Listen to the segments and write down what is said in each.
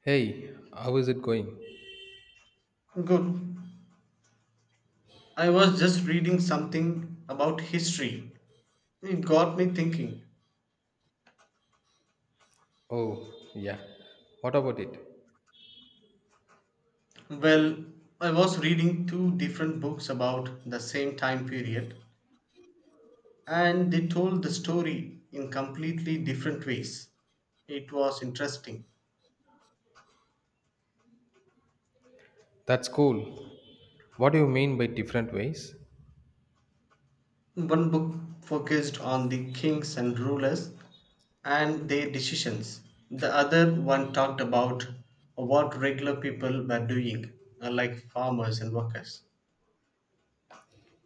Hey, how is it going? Good. I was just reading something about history. It got me thinking. Oh, yeah. What about it? Well, I was reading two different books about the same time period, and they told the story in completely different ways. It was interesting. That's cool. What do you mean by different ways? One book focused on the kings and rulers and their decisions, the other one talked about what regular people were doing, like farmers and workers.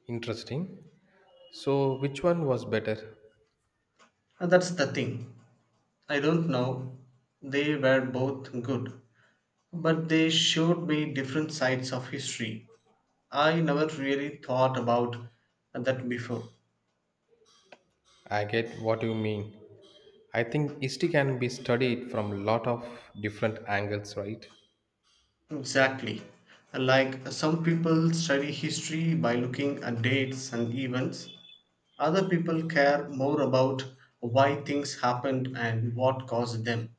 Interesting. So, which one was better? And that's the thing. I don't know. They were both good, but they showed me different sides of history. I never really thought about that before. I get what you mean. I think history can be studied from a lot of different angles, right? Exactly. Like some people study history by looking at dates and events, other people care more about why things happened and what caused them.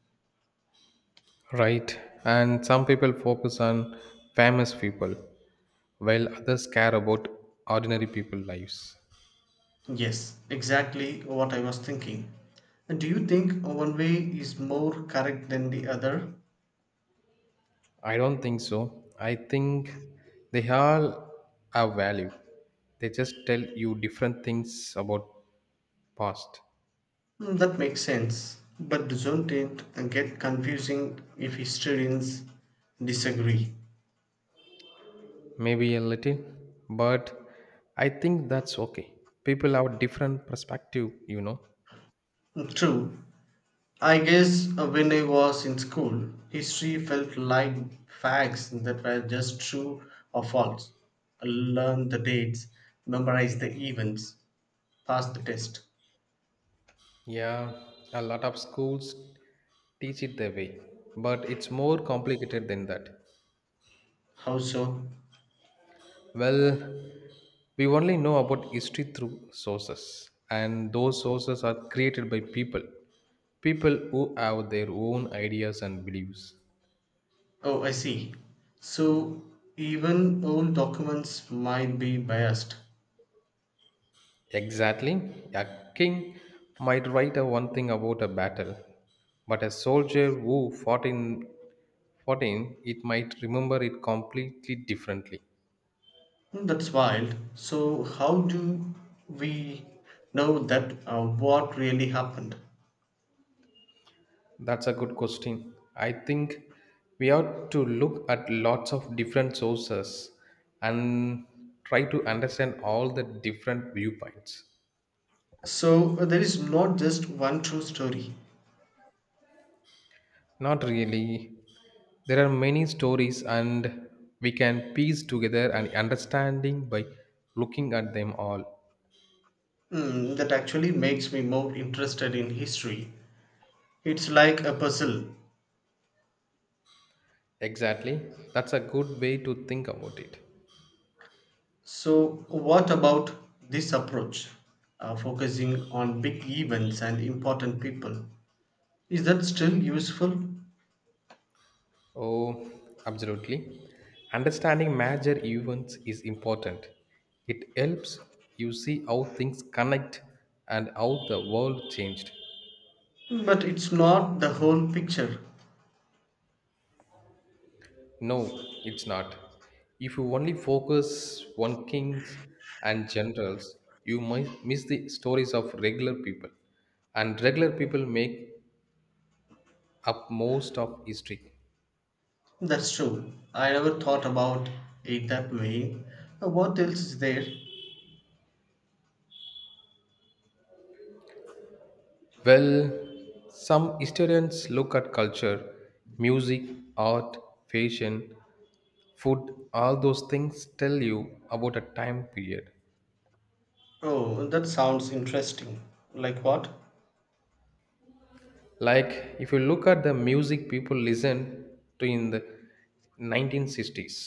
Right. And some people focus on famous people, while others care about ordinary people lives. Yes, exactly what I was thinking. And do you think one way is more correct than the other? I don't think so. I think they all have value. They just tell you different things about past. That makes sense, but doesn't it get confusing if historians disagree? Maybe a little, but I think that's okay. People have different perspective, you know. True. I guess when I was in school, history felt like facts that were just true or false. Learn the dates, memorize the events, pass the test. Yeah, a lot of schools teach it their way, but it's more complicated than that. How so? Well, we only know about history through sources, and those sources are created by people. People who have their own ideas and beliefs. Oh, I see. So even old documents might be biased. Exactly, a king might write a one thing about a battle, but a soldier who fought in it might remember it completely differently. Hmm. That's wild. So, how do we know that what really happened? That's a good question. I think we ought to look at lots of different sources and try to understand all the different viewpoints. So, there is not just one true story. Not really. There are many stories, and we can piece together an understanding by looking at them all. Hmm, that actually makes me more interested in history. It's like a puzzle. Exactly. That's a good way to think about it. So, what about this approach, focusing on big events and important people? Is that still useful? Oh, absolutely. Understanding major events is important. It helps you see how things connect and how the world changed. But it's not the whole picture. No, it's not. If you only focus on kings and generals, you might miss the stories of regular people. And regular people make up most of history. That's true. I never thought about it that way. What else is there? Well, some historians look at culture, music, art, fashion, food, all those things tell you about a time period. Oh, that sounds interesting. Like what? Like if you look at the music people listen to in the 1960s,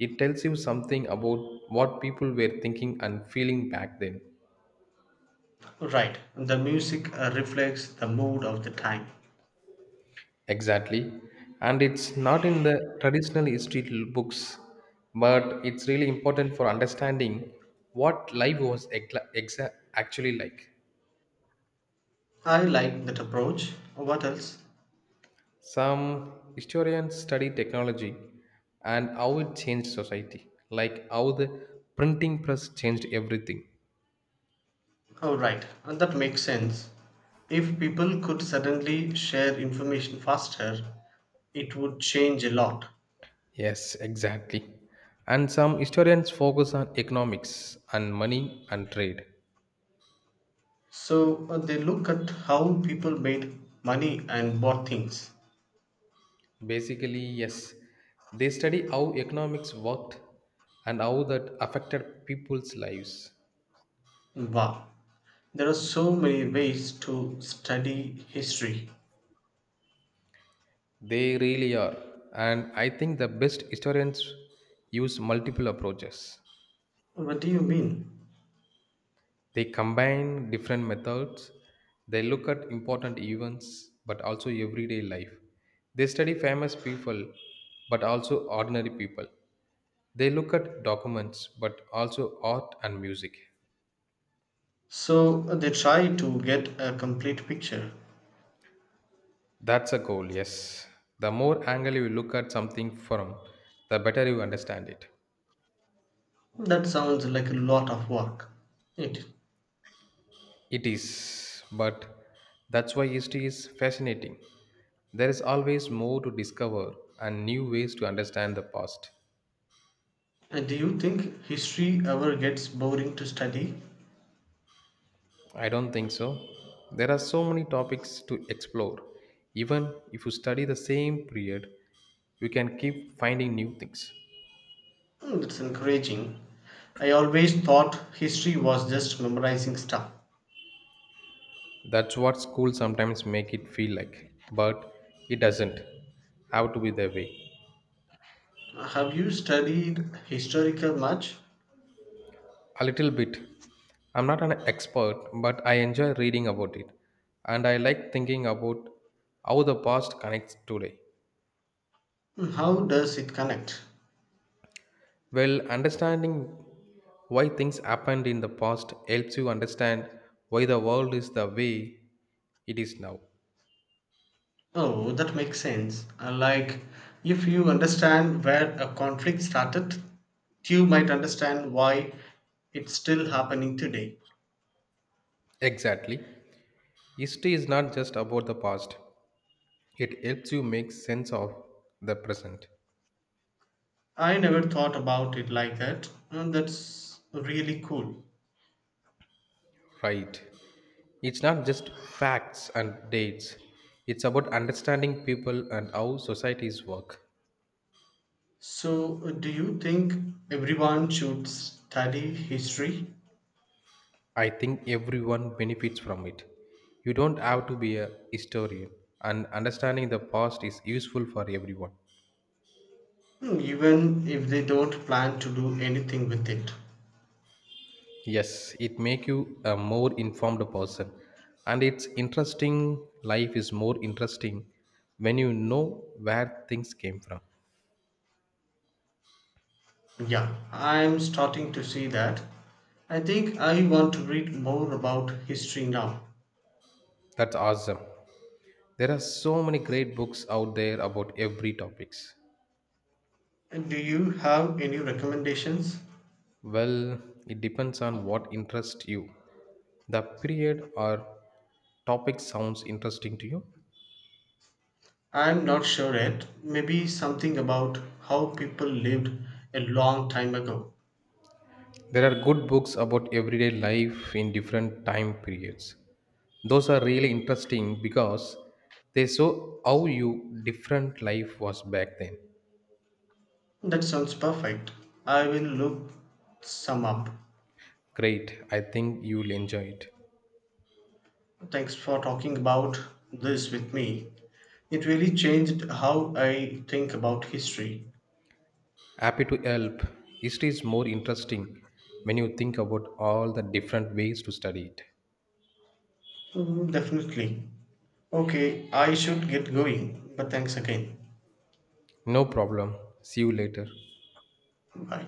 it tells you something about what people were thinking and feeling back then. Right. The music reflects the mood of the time. Exactly. And it's not in the traditional history books, but it's really important for understanding what life was actually like. I like that approach. What else? Some historians study technology and how it changed society, like how the printing press changed everything. Oh, right. And that makes sense. If people could suddenly share information faster, it would change a lot. Yes, exactly. And some historians focus on economics and money and trade. So they look at how people made money and bought things. Basically, yes. They study how economics worked and how that affected people's lives. Wow. There are so many ways to study history. They really are. And I think the best historians use multiple approaches. What do you mean? They combine different methods. They look at important events but also everyday life. They study famous people but also ordinary people. They look at documents but also art and music. So they try to get a complete picture. That's a goal, yes. The more angle you look at something from, the better you understand it. That sounds like a lot of work. It. It is, but that's why history is fascinating. There is always more to discover and new ways to understand the past. And do you think history ever gets boring to study? I don't think so. There are so many topics to explore. Even if you study the same period, you can keep finding new things. Hmm, that's encouraging. I always thought history was just memorizing stuff. That's what school sometimes make it feel like, but it doesn't have to be the way. Have you studied historical much? A little bit. I'm not an expert, but I enjoy reading about it, and I like thinking about how the past connects today. Hmm, how does it connect? Well, understanding why things happened in the past helps you understand why the world is the way it is now. Oh, that makes sense. Like, if you understand where a conflict started, you might understand why it's still happening today. Exactly. History is not just about the past, it helps you make sense of the present. I never thought about it like that, and that's really cool. Right. It's not just facts and dates, it's about understanding people and how societies work. So, do you think everyone should study history? I think everyone benefits from it. You don't have to be a historian, and understanding the past is useful for everyone. Hmm, even if they don't plan to do anything with it? Yes, it make you a more informed person. And it's interesting, life is more interesting when you know where things came from. Yeah, I'm starting to see that. I think I want to read more about history now. That's awesome. There are so many great books out there about every topics. And do you have any recommendations? Well, it depends on what interests you. The period or topic sounds interesting to you. I'm not sure yet. Maybe something about how people lived a long time ago. There are good books about everyday life in different time periods. Those are really interesting because they show how you different life was back then. That sounds perfect. I will look some up. Great, I think you'll enjoy it. Thanks for talking about this with me. It really changed how I think about history. Happy to help. History is more interesting when you think about all the different ways to study it. Mhm. Definitely. Okay, I should get going, but thanks again. No problem. See you later. Bye.